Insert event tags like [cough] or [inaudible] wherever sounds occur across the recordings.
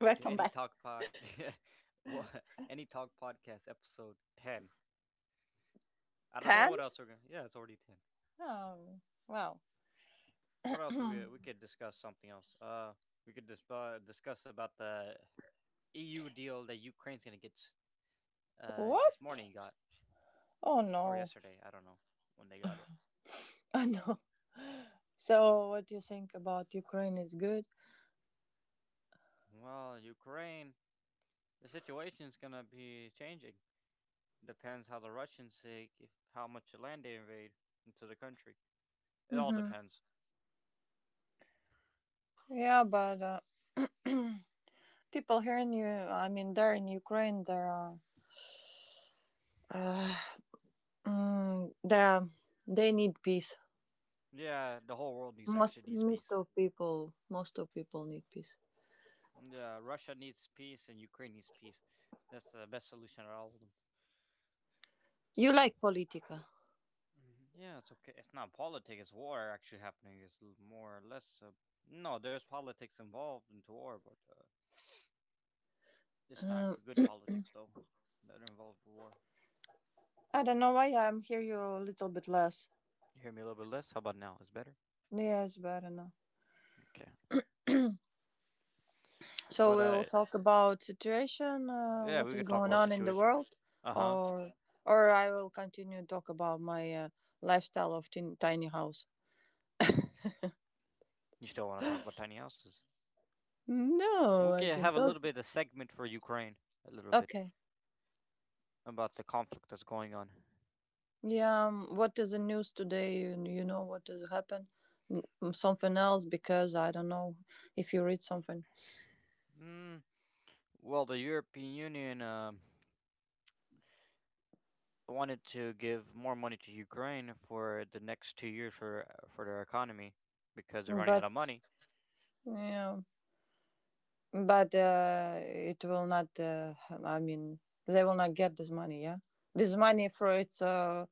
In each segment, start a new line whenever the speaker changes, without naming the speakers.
[laughs]
to
Welcome
Any
back.
Talk Pod, [laughs] Wha- Any Talk Podcast, episode ten. I don't know
10?
what else we're gonna. Yeah, it's already ten.
Oh, wow.
What else we could discuss? Something else. We could discuss about the EU deal that Ukraine's gonna get. This
What?
morning got,
Oh
or
no.
yesterday. I don't know when they got it.
[sighs] Oh no. So, what do you think about Ukraine is good?
Well, Ukraine, the situation's gonna be changing. Depends how the Russians take, how much land they invade into the country. It all
Mm-hmm.
depends.
Yeah, but uh, [clears throat] people here in you, I mean, there in Ukraine, there are, uh, mm, there are- they need peace.
Yeah, the whole world needs, actually
Most,
needs
most
peace.
of people, most of people need peace.
Yeah, Russia needs peace and Ukraine needs peace. That's the best solution out of all of them.
You like Politica?
Mhm. Yeah, it's okay. It's not politics. It's war actually happening. More or less. No, there's politics involved into war, but it's not
Um,
good politics though that involve war.
I don't know why I'm hear you a little bit less.
You hear me a little bit less? How about now? It's better.
Yes, but I don't know.
Okay,
So
but
we will talk about situation,
yeah,
what
we
is
could talk
going
about
on in the
situation.
world,
Uh huh.
or I will continue talk about my lifestyle of tiny house.
You still want to talk about tiny houses? We
No, I
can
can
have a
talk.
little bit of segment for Ukraine. A little bit
Okay.
about the conflict that's going on?
Yeah. What is the news today? You know what has happened? Something else because I don't know if you read something.
Mm, well, the European Union wanted to give more money to Ukraine for the next 2 years for their economy because they're running out
But
of money.
yeah. But it will not. I mean, they will not get this money. Yeah, this money for its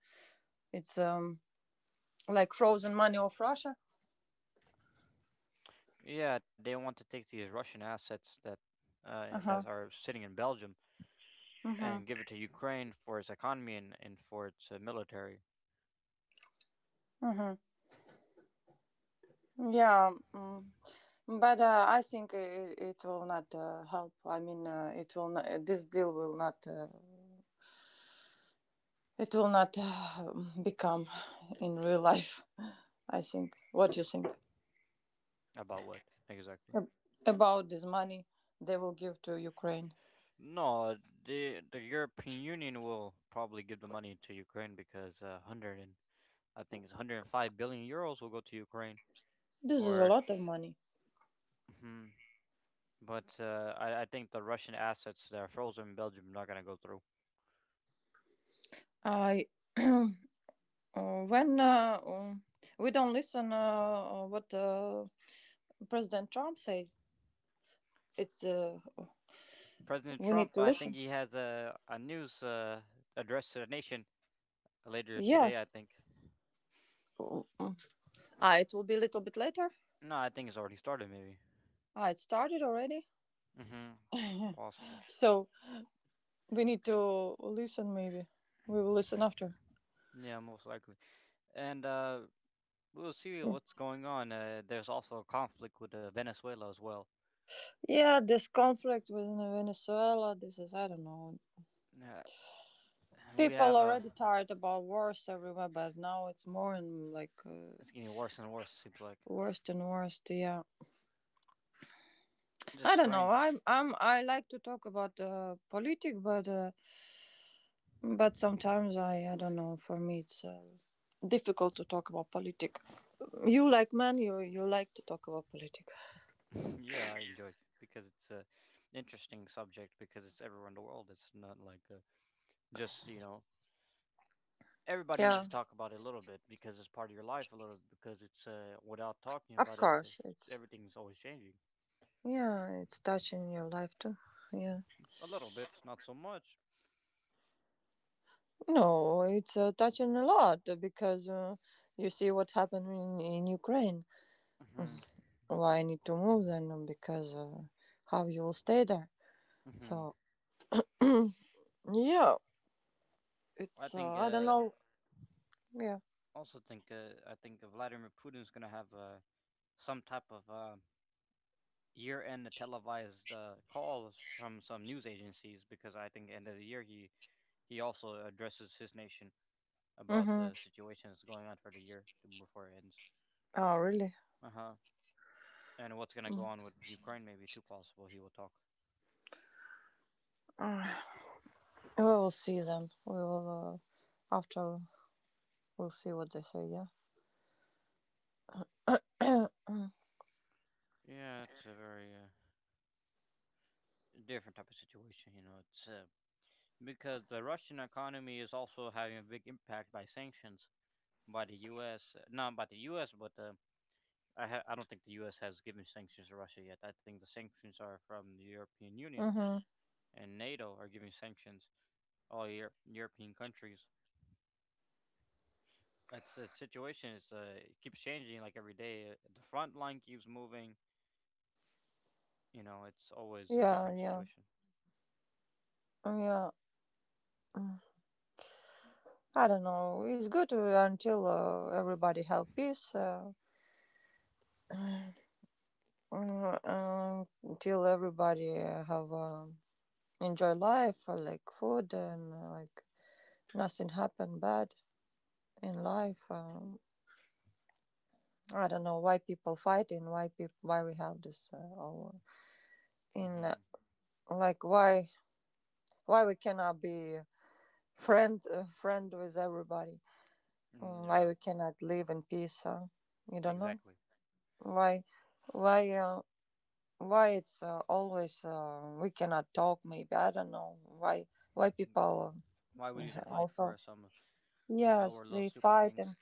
its um like frozen money of Russia.
Yeah, they want to take these Russian assets that
Uh
that
huh.
are sitting in Belgium,
Uh-huh.
and give it to Ukraine for its economy, and for its military.
Uh-huh. Yeah. Mm. But I think it will not help. I mean, it will not, this deal will not, it will not uh, become in real life. I think. What do you think
About what exactly?
about this money they will give to Ukraine?
No, the European Union will probably give the money to Ukraine because 100 and, I think it's 105 billion euros will go to Ukraine
This is a
for it.
lot of money.
Mhm. But uh, I think the Russian assets that are frozen in Belgium are not going to go through.
I [clears throat] when We don't listen what President Trump say, it's
President
we need
Trump,
to
I
listen.
think he has a news address to the nation later today, I
Yes.
think.
Mm, mm. Ah, it will be a little bit later.
No, I think it's already started, maybe.
Ah, it started already.
Hmm. Possible.
So we need to listen, maybe. We will listen after.
Yeah, most likely. And we'll see
Mm.
what's going on. There's also a conflict with Venezuela as well.
Yeah, this conflict within Venezuela, this is, I don't know.
Uh, we
People
have,
already tired about wars everywhere, but now it's more and
it's getting worse and worse, it seems like.
worst and worst. Yeah,
Just
I don't know.
strange.
I like to talk about politics, but, sometimes I don't know. For me, it's difficult to talk about politics. You like men, you like to talk about politics.
[laughs] Yeah, I enjoyed because it's a interesting subject because it's everywhere in the world. It's not like just, you know, everybody needs
Yeah,
to talk about it a little bit because it's part of your life a little because it's without talking
of
about it,
course. It's
everything's always changing
yeah, it's touching your life too. Yeah.
a little bit, not so much.
No, it's touching a lot because you see what happened in Ukraine.
Hmm.
Why I need to move then? Because how you will stay there?
Hmm.
So yeah,
I
it's
think
I don't
uh,
know. Yeah.
I think Vladimir Putin's gonna have some type of year-end televised calls from some news agencies because I think end of the year he also addresses his nation about
Mhm.
the situation that's going on for the year before it ends.
Oh really?
Uh huh. And what's gonna
Mm.
go on with Ukraine? Maybe too possible. He will talk.
Uh, we will see them. We will after we'll see what they say. Yeah. [coughs] [clears throat]
Yeah, it's a very different type of situation. You know, it's because the Russian economy is also having a big impact by sanctions by the U.S. Not by the U.S., but I don't think the U.S. has given sanctions to Russia yet. I think the sanctions are from the European Union
mhm.
and NATO are giving sanctions, European countries. It's a situation. It's it keeps changing like every day. The front line keeps moving. You know, it's always a
Yeah,
different
yeah,
situation.
yeah. mm. I don't know. It's good until everybody have peace, until everybody have enjoy life, like food and like nothing happen bad in life. I don't know why people fighting, why people, why we have this all in
Mm-hmm.
like why we cannot be friend with everybody.
Mm,
Why
yeah,
we cannot live in peace. You don't know.
exactly.
Why, why, why it's always we cannot talk? Maybe I don't know why. Why
Mm,
people
why we need to
[laughs]
fight
also?
for some
Yes,
our little
they
stupid
fight and
things?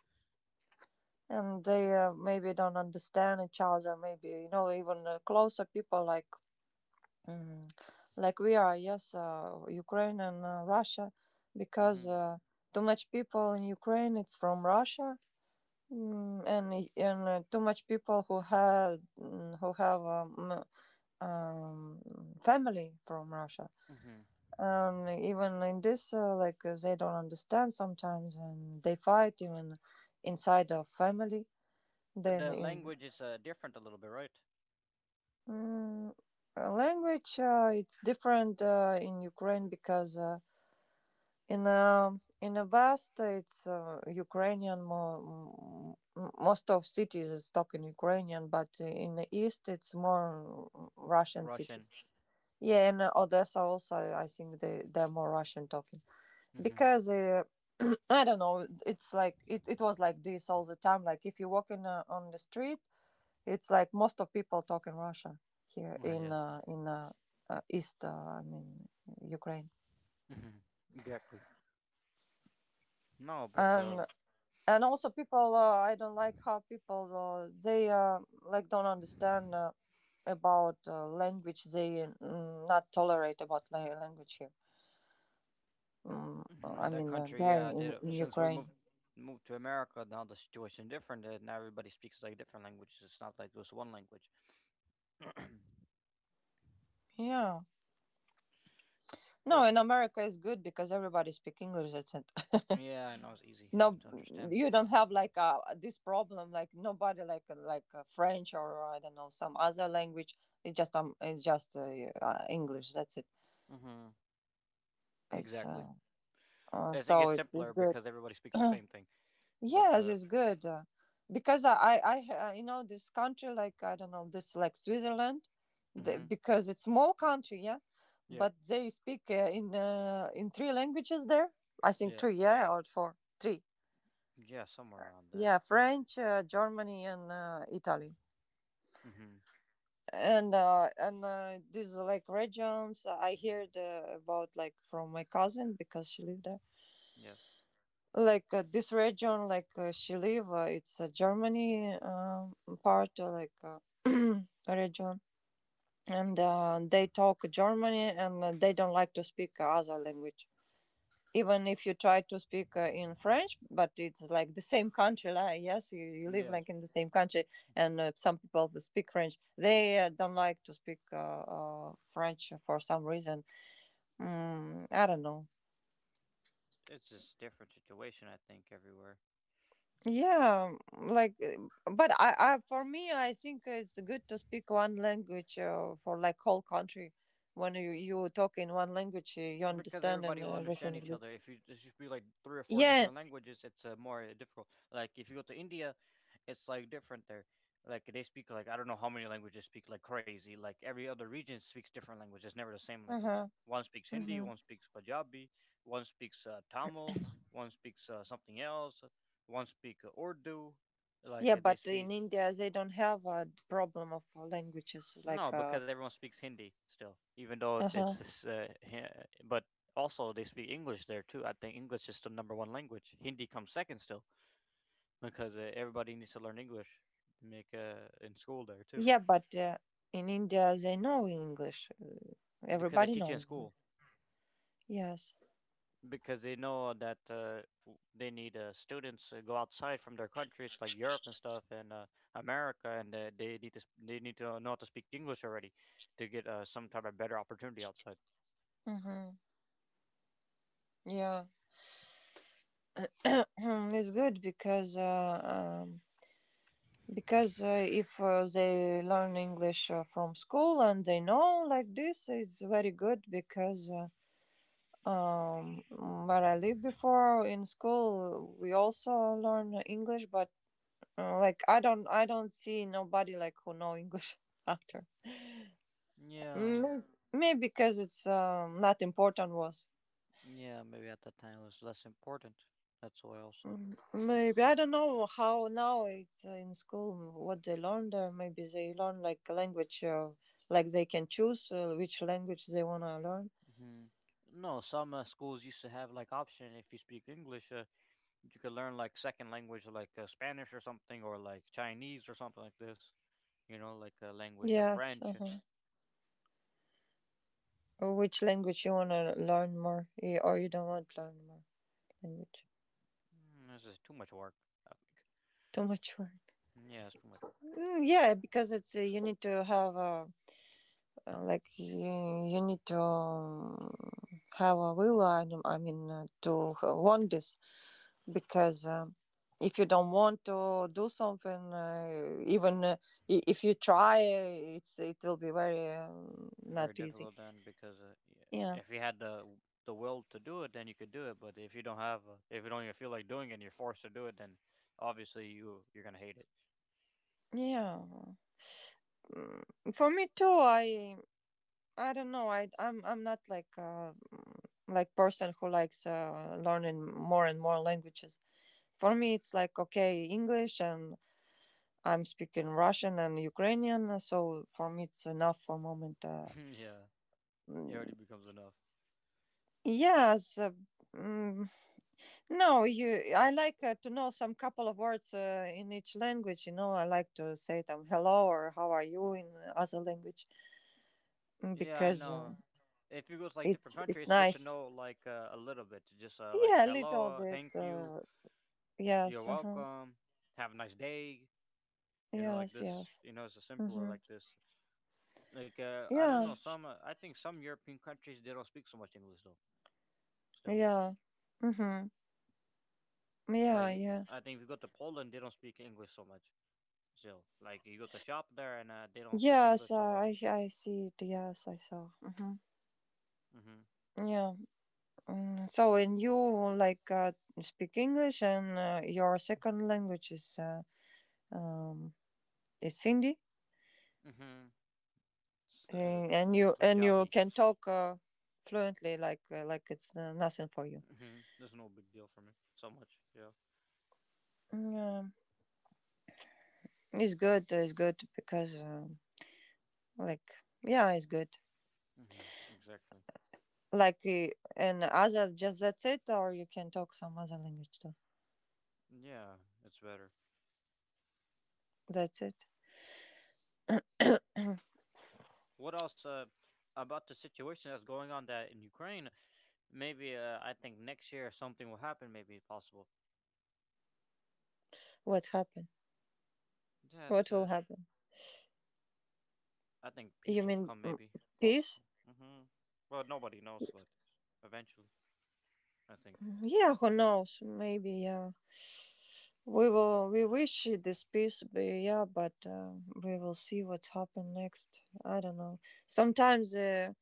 they maybe don't understand each other. Maybe you know even closer people like mm, like we are. Yes, Ukraine and Russia, because
Mm-hmm.
too much people in Ukraine. It's from Russia. Mm, and I- and Too much people who have um, family from Russia.
Mm-hmm.
Even in this, they don't understand sometimes, and they fight even inside of family. Then
The
in
language is different a little bit, right?
mm, Language, it's different in Ukraine because in a vast, it's Ukrainian. Most of cities is talking Ukrainian, but in the east, it's more Russian
Russian.
cities. Yeah, in Odessa also, I think they're more Russian talking
Mm-hmm.
because [clears throat] I don't know. It's like it was like this all the time. Like if you walk in on the street, it's like most of people talk in Russia here
Yes.
in East. I mean Ukraine.
Mm-hmm. Exactly. No, but
And also people. I don't like how people they like don't understand about language. They not tolerate about language here. Mm,
[clears throat] in
I
that
mean,
country, yeah, they,
in
don't- since we
Ukraine.
moved to America, now the situation different. Now everybody speaks like different languages. It's not like just one language. [clears throat]
Yeah. No, in
It's,
America it's good because everybody speak English. That's it. [laughs]
yeah, I know it's easy
No,
to understand.
you don't have like this problem. Like nobody like French or I don't know some other language. It's just English. That's it.
Mm-hmm.
It's
Exactly. It's, it
So
gets
it's
simpler
good.
because everybody speaks the
[clears throat]
same thing. But
Yes, it's good because you know, this country, like I don't know, this like Switzerland,
mm-hmm.
because it's small country, yeah,
Yeah,
but they speak in three languages there. I think
yeah,
three, yeah, or four, three,
yeah, somewhere around that.
yeah, French, Germany, and Italy,
Mm-hmm.
and these like regions. I heard about like from my cousin because she lived there.
Yes,
Like this region she live it's a germany part [clears throat] region and they talk germany and they don't like to speak other language even if you try to speak in french, but it's like the same country. Like, yes you live
yes.
like in the same country and some people who speak french they don't like to speak french for some reason. I don't know.
It's just different situation, I think, everywhere,
Yeah, but for me, I think it's good to speak one language for like whole country. When you talk in one language, you
because
understand and
everybody will understand
everything is
each
good.
other. If you, there's just be like three or four
Yeah.
different languages, it's more difficult. Like if you go to India, it's like different there. Like they speak like, I don't know how many languages speak like crazy. Like every other region speaks different language. It's never the same
Uh
language.
huh.
One speaks Hindi,
Hmm.
one speaks Punjabi, one speaks Tamil, one speaks something else, one speaks Urdu. Like
Yeah,
they
but in
speak.
India they don't have a problem of languages like.
No,
Uh
because everyone speaks Hindi still, even though it's
huh.
this, but also they speak English there too. I think English is the number one language. Hindi comes second still because everybody needs to learn English to make in school there too,
Yeah, but in India they know English.
because they
Everybody
teach you in
knows English.
school
Yes.
because they know that they need students go outside from their countries like Europe and stuff and America, and they need to know how to speak English already to get some type of better opportunity outside.
Mm-hmm. Yeah. [clears throat] It's good because if they learn english from school and they know like this, it's very good because um, where I lived before in school, we also learn English, but like I don't see nobody like who know English [laughs] after.
Yeah.
Maybe, Maybe because it's not important was.
Yeah, maybe at that time it was less important. That's why also.
Mm, maybe I don't know how now it's in school what they learned. Or maybe they learn like a language, like they can choose which language they wanna learn.
Hmm. No, some schools used to have like option if you speak English, you could learn like second language like Spanish or something, or like Chinese or something like this. You know, like a language, or
Yes.
French.
Uh-huh. Or which language you wanna learn more, or you don't want to learn more language.
Mm, this is too much work, I think.
Too much work.
Mm, yeah, it's too much.
Mm, yeah, because it's you need to have uh, like you, you need to have a will. I, don't- I mean to want this. Because if you don't want to do something if you try it's it will be very not
Very
easy.
difficult then because yeah,
yeah
if you had the will to do it, then you could do it. But if you don't have, if you don't even feel like doing it, and you're forced to do it, then obviously you're gonna hate it.
yeah Mm, for me too. I don't know. I'm not like like person who likes learning more and more languages. For me it's like okay english, and I'm speaking russian and ukrainian, so for me it's enough for moment.
[laughs] Yeah. It already
Mm,
becomes enough.
yes uh, mm, No, you. I like to know some couple of words in each language. You know, I like to say them hello or how are you in other language, mm,
Yeah, I
because
know. If you go to like different countries,
it's
it's good to
nice.
know like a little bit. Just like
Yeah, a little
hello,
bit.
thank you, you're
Yes. Uh-huh.
welcome, have a nice day. You know, like
Yes.
this.
Yes.
You know, it's a simpler
Mm-hmm.
like this. Like I don't
Yeah.
know. Some I think some European countries they don't speak so much English though. Still,
Yeah. Mm-hmm. Yeah.
like,
Yeah.
I think if you go to Poland, they don't speak English so much. Still, like you go to shop there and they don't speak
Yes.
English so well.
I see it. Yes, I saw. Mm-hmm.
Mhm.
Yeah. Mm, so, and you like speak English, and your second language is. Um is Cindy,
Mhm. S
and
Then
you and you
Punjabi.
can talk fluently like it's nothing for you.
Hmm. That's no big deal for me. So much, yeah.
Yeah, it's good. It's good because like yeah, it's good.
Hmm. Exactly.
Like and other just that's it, or you can talk some other language too.
Yeah, it's better.
That's it.
What else about the situation that's going on that in Ukraine? Maybe I think next year something will happen. Maybe possible
What's happened?
that
What will happen?
I think
You
peace will
mean
come. Maybe
peace?
possible. Hmm. Well, nobody knows, but eventually, I think.
Mm, yeah, who knows? Maybe yeah. We will. We wish this peace, but yeah, but we will see what happen next. I don't know. Sometimes.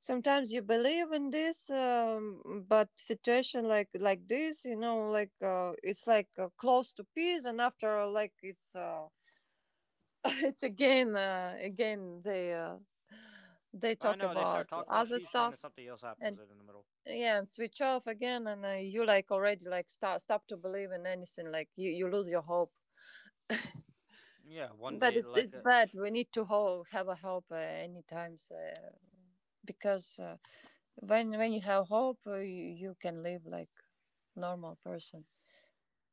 Sometimes you believe in this, but situation like this, you know, it's close to peace, and after like it's [laughs] it's again again they
I
talk
know they start
about
talking about
other
peace, then
stuff
something else happens
and
in the middle.
yeah and switch off again, and you like already like start stop to believe in anything, like you lose your hope.
Yeah, one
But
day,
it's
like
bad. We need to have a hope, any times, because when you have hope, you can live like normal person,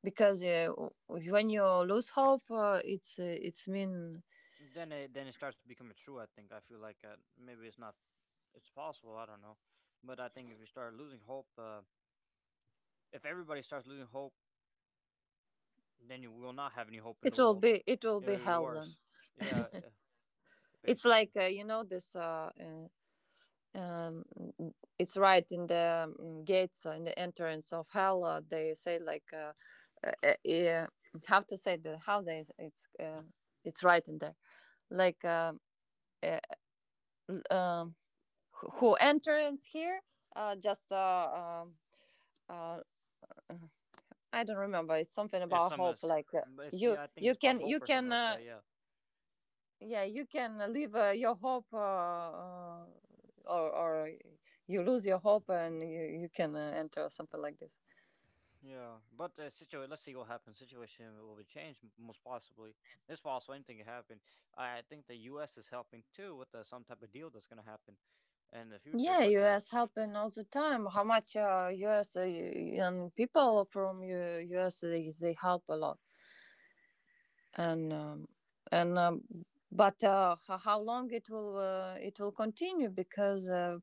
because when you lose hope, it's it's mean
then it starts becoming true. I think I feel like maybe it's not. It's possible. I don't know, but I think if you start losing hope, if everybody starts losing hope, then you will not have any hope in the world.
it will
It
be
will be
hell then.
worse. Yeah, yeah,
It's
basically.
like, you know this, um it's right in the gates, in the entrance of hell. They say like, uh, uh, uh, how to say the how they it's, it's right in there, like uh, um who enters here, just, um, uh, I don't remember. It's something
It's
about
some.
hope. Like,
It's, yeah. I think it's about
you
hope or something
can,
like that. Yeah,
yeah, you can live, your hope, or you lose your hope, and you can, enter something like this.
yeah. But situation. Let's see what happens. Situation will be changed, most possibly. It's possible anything can happen. I think the U.S. is helping too with some type of deal that's gonna happen in the future.
Yeah,
But
U.S. helping all the time. How much, U.S.? And people from U.S., they help a lot. And um, and But how long it will, it will continue, because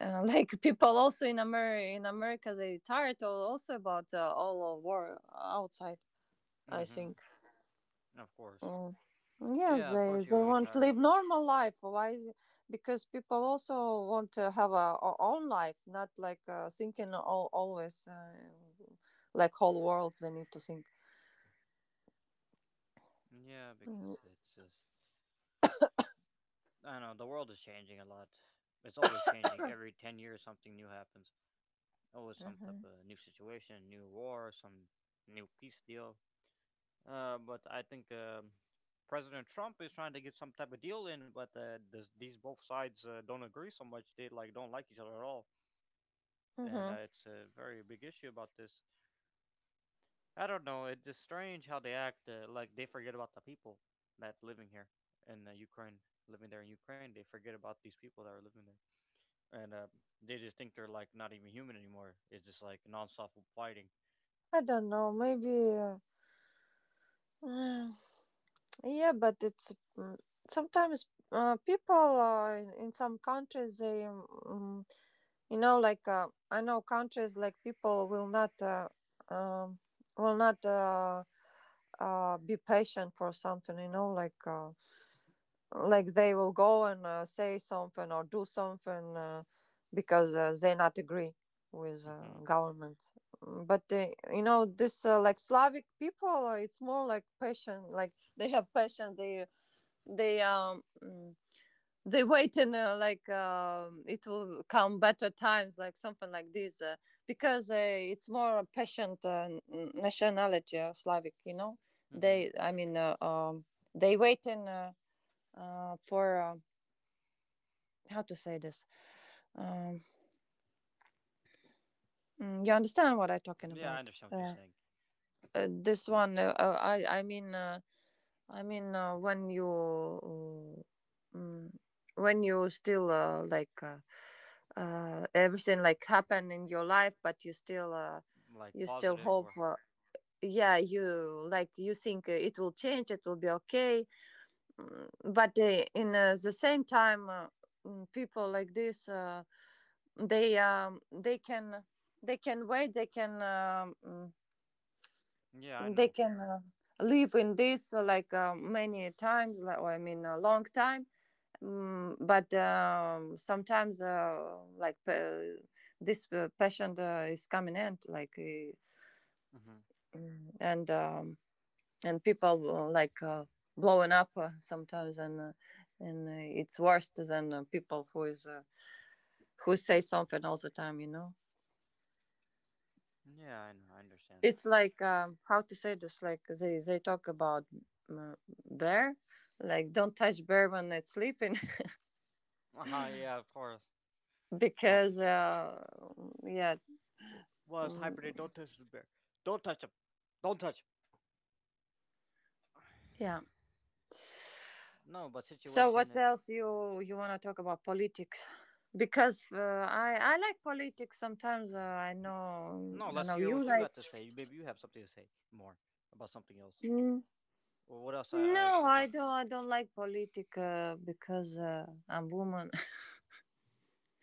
[laughs] like people also in America, they tired, also about, all of war outside, I
mm-hmm,
think.
of course.
Mm.
Yeah,
Yes,
of course
they
you will
they
get
want to
tired.
live normal life. Why is because people also want to have own life, not like, thinking always, like whole world they need to think.
Yeah,
Mm-hmm.
because it's just, I don't know, the world is changing a lot. It's always changing. Every 10 years, something new happens. Always some type of new situation, new war, some new peace deal. But I think President Trump is trying to get some type of deal in, but these both sides don't agree so much. They like don't like each other at all, and
Mm-hmm.
it's a very big issue about this. I don't know. It's just strange how they act. Like they forget about the people that living here in Ukraine, living there in Ukraine. They forget about these people that are living there. And they just think they're like not even human anymore. It's just like nonstop fighting.
I don't know, maybe. Mm, yeah, but it's, sometimes, people, in some countries, they, you know, like, I know countries like people will not, um, will not, be patient for something, you know, like, like they will go and, say something or do something, because they not agree with,
Hmm.
government. Mm, but they, you know this, like Slavic people, it's more like passion, like, [laughs] they have passion. They they wait in, like, it will come better times, like something like this, because it's more a patient, nationality, Slavic, you know.
Hmm.
They they wait in, for, how to say this. um you understand what I'm talking
Yeah, I
about?
understand what you're saying.
This one, I mean, when you, when you still, everything like happen in your life, but you still,
Like
you still
positive
hope,
or,
yeah, you like, you think, it will change, it will be okay. Mm, but in, the same time, people like this, they, they can wait, they can,
yeah, I
they
know.
can, live in this, many times, like, I mean, a long time. Mm, but sometimes, like, this, passion, is coming end, like, uh,
Hmm.
and um, people, blowing up, sometimes, and, it's worse than, people who is, who say something all the time, you know.
Yeah, I know. I understand.
It's like, how to say this, like they talk about, uh, bear, like, don't touch bear when it's sleeping.
Uh huh. Yeah, of course.
[laughs]
Don't.
because yeah.
Well, it's hybrid.
Mm,
Don't touch the bear. Don't touch him. Don't touch. Him.
yeah.
No, but
So
situation.
what
Uh,
else you want to talk about politics, because I like politics sometimes, I know.
no,
I
let's
know
hear
you
what you
like.
got to say. Maybe you have something to say more about something else,
Mm.
or what else I
No,
could
I
talk.
don't. I don't like politica because I'm woman.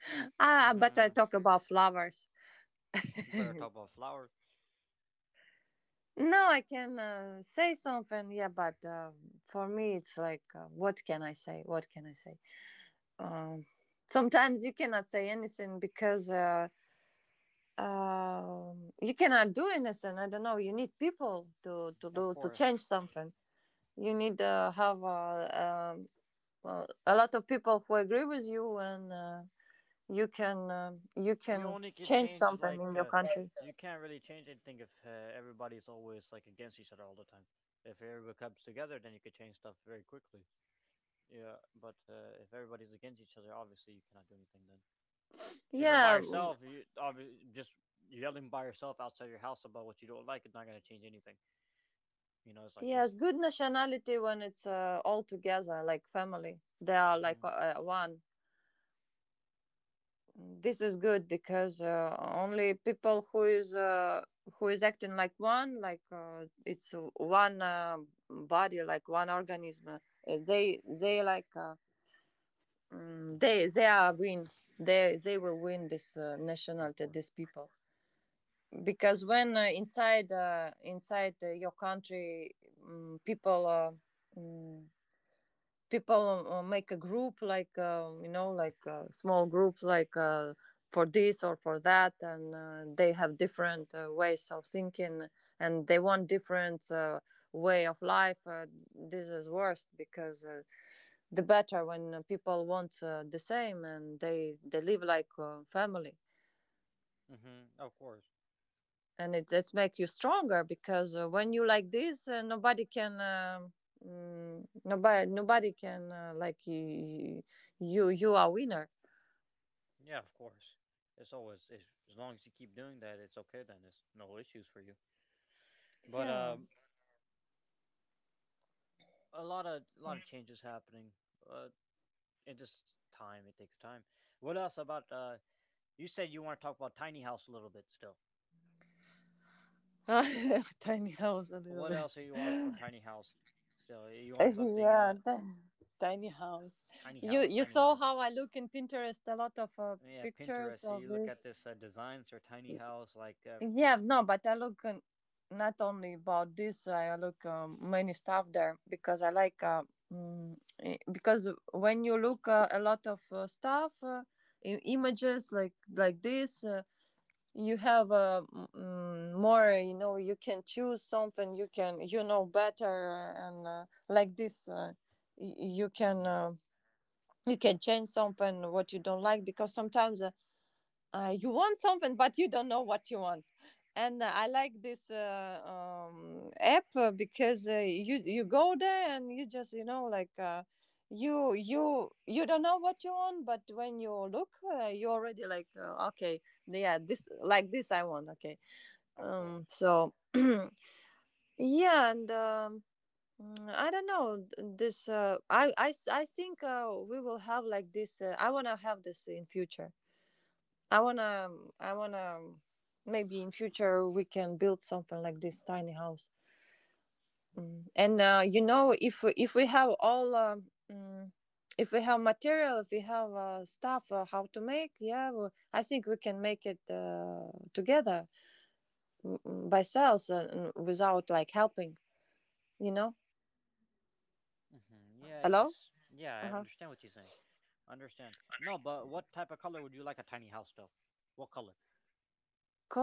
[laughs] Ah, but I
Hmm.
talk about flowers.
Better talk about flowers,
No, I can, say something. Yeah, but for me, it's like, what can I say? What can I say? Um, Sometimes you cannot say anything because you cannot do anything. I don't know. You need people to
of
do to
course.
change something. You need, have, a lot of people who agree with you. And, you can, you
You
can
only can
change
change
something in
like
your country.
you can't really change anything if everybody's always like against each other all the time. If everybody comes together, then you could change stuff very quickly. Yeah, but if everybody's against each other, obviously you cannot do anything then. If you're by
Yeah.
yourself, you obviously just yelling by yourself outside your house about what you don't like is not going to change anything. You know, it's like this.
Yes, good nationality when it's, all together, like family. They are
Hmm
like, one. This is good, because only people who is, who is acting like one, like, it's one, body, like one organism, they like,
hmm
they are win. They will win this,
Of
nationality,
course.
these people. Because when, inside, your country, people, mm, people, make a group, like, you know, like, small groups, like, for this or for that, and, they have different, ways of thinking, and they want different, way of life, this is worst, because the better when people want, the same, and they live like, family.
Hmm Of course.
And it makes you stronger, because when you like this, nobody can. Nobody can, like you, you are winner.
Yeah, of course. It's, as long as you keep doing that, it's okay. Then it's no issues for you. But
Yeah.
a lot of changes happening. Uh, it just time. It takes time. What else about? You said you want to talk about Tiny House a little bit still.
[laughs] Tiny house a little
What
bit.
else do you want from Tiny House? Still, you
[laughs]
want something?
Yeah, tiny house.
Tiny
you
House,
you
Tiny
saw
House.
how I look in Pinterest, a lot of,
Yeah,
pictures
Pinterest. So
of
you look at
this.
this designs for Tiny House, like
Yeah, no, but I look, not only about this. I look, many stuff there because I like, because when you look, a lot of, stuff, images like this, you have, more. You know, you can choose something, you can, you know, better, and, like this, you can.
hmm
You can change something what you don't like, because sometimes, you want something but you don't know what you want. And, I like this, app, because you go there, and you just, you know, like, you don't know what you want, but when you look, you already like, okay, yeah, this, like this I want, okay.
of course.
So [clears throat] yeah. I don't know this, I think, we will have like this, I want to have this in future. I wanna, I wanna, maybe in future we can build something like this tiny house. Mm. And you know, if if we have all, mm, if we have material, if we have, stuff, how to make, yeah, well, I think we can make it, together, by ourselves, without like helping. You know?
Hmm Yeah, it
Hello?
just yeah, I
Uh huh.
understand what you're saying. Understand. No, but what type of color would you like a tiny house though? What color?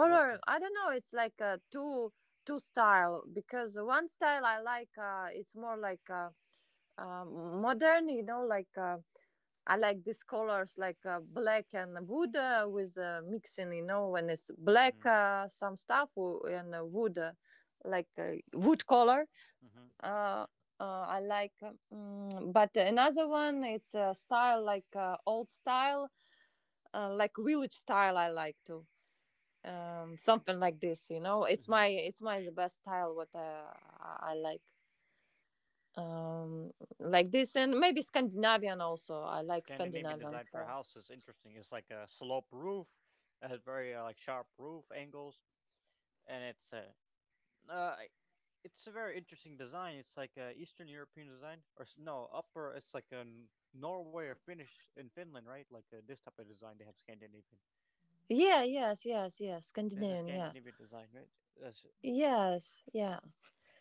What?
I don't know. It's like a two style, because one style I like. It's more like. Modern, you know, like, I like these colors, like, black and wood, with, mixing, you know, when it's black,
Mm-hmm.
some stuff and, wood, like, wood color.
Mm-hmm.
uh, I like, but another one, it's a style like, old style, like village style I like too. Something like this, you know,
Mm-hmm.
it's my the best style what I like. um like this, and maybe Scandinavian, also I like
Scandinavian
Scandinavian
design for a
style.
house is interesting. It's like a slope roof. It has very like sharp roof angles, and uh, uh, it's a very interesting design. It's like a Eastern European design, or s- no, upper. It's like a N- Norway or Finnish in Finland, right? Like this type of design they have Scandinavian.
Yeah, yes, yes, yes,
This is
Scandinavian, yeah,
Scandinavian design, right? That's,
yes, yeah.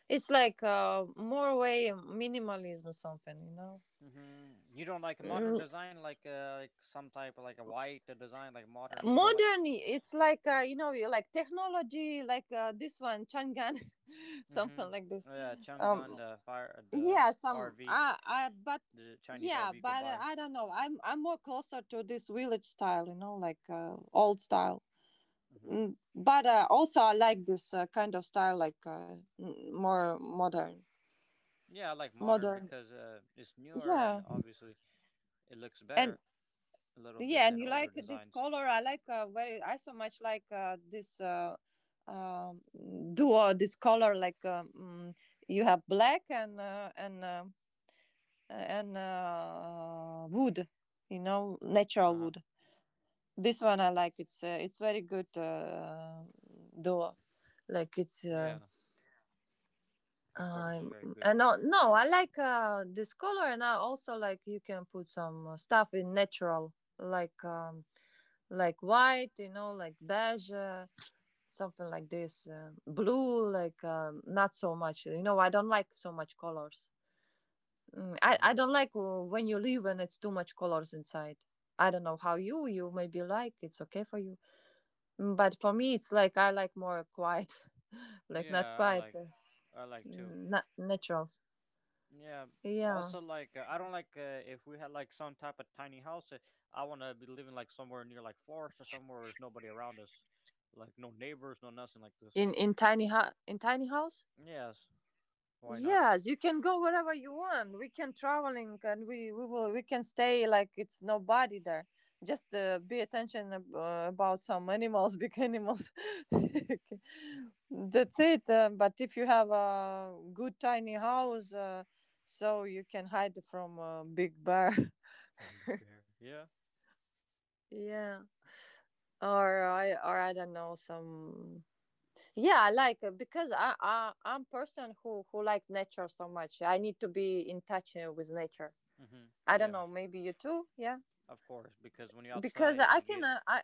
It's like, more way minimalism or something, you know.
hmm You don't like a modern
Mm,
design, like some type of like a white design, like modern. You don't like
modern,
this.
it's like, you know, you like technology, like, this one Changan, [laughs]
Mm-hmm.
something like this.
Yeah,
um
Chungun the fire the
yeah, some,
RV.
I but
The Chinese
yeah,
RV you could
but
buy.
I don't know, I'm more closer to this village style, you know, like, old style.
Hmm
Mm, but also, I like this, kind of style, like, more modern,
Yeah, I like modern
modern.
because it's newer and
Yeah,
obviously it looks
and
better a little bit
yeah,
than
and you
older
like this
designs.
color. I like, very, I so much like, this, um duo, this color. Like, you have black and, wood. You know,
Uh
natural
huh.
wood. This one I like. It's it's very good, duo. Like it's.
Yeah, of course, it's
Um,
very good.
and no, no, I like, this color, and I also like you can put some, stuff in natural, like, like white, you know, like beige, something like this, blue, like, not so much. You know, I don't like so much colors. Mm, I
Hmm
don't like, when you leave and it's too much colors inside. I don't know how you, maybe like, it's okay for you. Mm, but for me it's like I like more quiet, [laughs] like not
Yeah,
quiet,
I like too.
naturals.
Yeah.
Yeah.
Also, like I don't like if we had like some type of tiny house. I want to be living like somewhere near like forest or somewhere where there's nobody around us, like no neighbors, no nothing like this.
In In tiny house,
Yes, why not?
yes, you can go wherever you want, we can traveling, and we can stay like it's nobody there, just, be attention, about some animals, big animals. [laughs] Okay. That's it, but if you have a good tiny house, so you can hide from a big bear.
[laughs] Big bear. Yeah.
[laughs] Yeah. Or I don't know, some. Yeah, I like, because I I'm person who likes nature so much. I need to be in touch, with nature.
hmm
I don't
Yeah.
know, maybe you too. Yeah,
Of course, because when you're outside,
because
it,
I
you
can,
get
I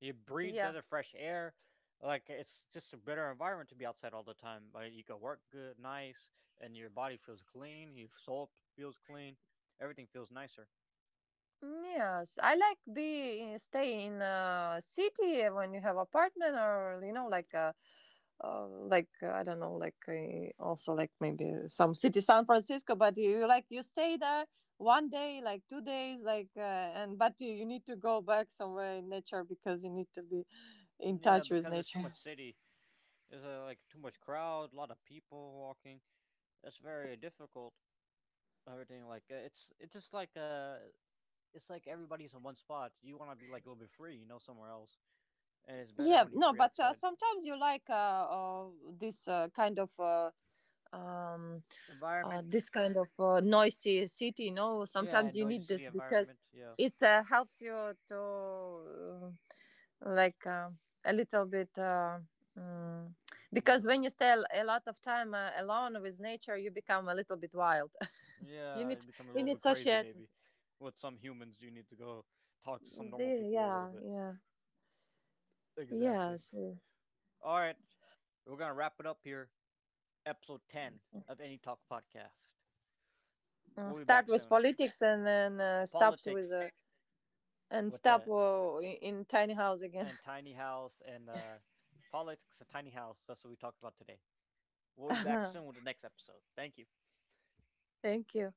you breathe
yeah.
better fresh air. Like it's just a better environment to be outside all the time. Like you can work good, nice, and your body feels clean. Your soul feels clean. Everything feels nicer.
Mm, yes, I like be stay in a city, when you have apartment or you know, like, like, I don't know, like, also, like, maybe some city, San Francisco, but you, like, you stay there one day, like 2 days, like, and but you need to go back somewhere in nature, because you need to be in
Yeah,
touch with
because it's too
nature.
much city. There's like too much crowd, a lot of people walking. It's very difficult. Everything like it's just like it's like everybody's in one spot. You want to be like a little bit free, you know, somewhere else, and it's better
Yeah,
when you're
no,
free
but
outside.
sometimes you like, this, kind of, um,
Environment.
this kind of, noisy city. No,
Yeah,
sometimes you
noisy
need
city
this, because
environment. Yeah,
it, helps you to, like um a little bit. Mm,
what?
because
El-
when you stay a lot of time, alone with nature, you become a little bit wild. [laughs] You
Yeah, you
need
become a little bit crazy
society.
maybe. With some humans, you need to go talk to some normal people a little
Yeah,
bit.
yeah,
Exactly.
yes, yeah.
All right, we're gonna wrap it up here. Episode 10 of Any Talk podcast.
Mm,
We'll be
start
back
with
soon.
politics, and then, stops with,
Politics
and
with
stop, in tiny house again.
and tiny house and politics a tiny house. That's what we talked about today. We'll be back soon
[laughs]
with the next episode. Thank you.
Thank you.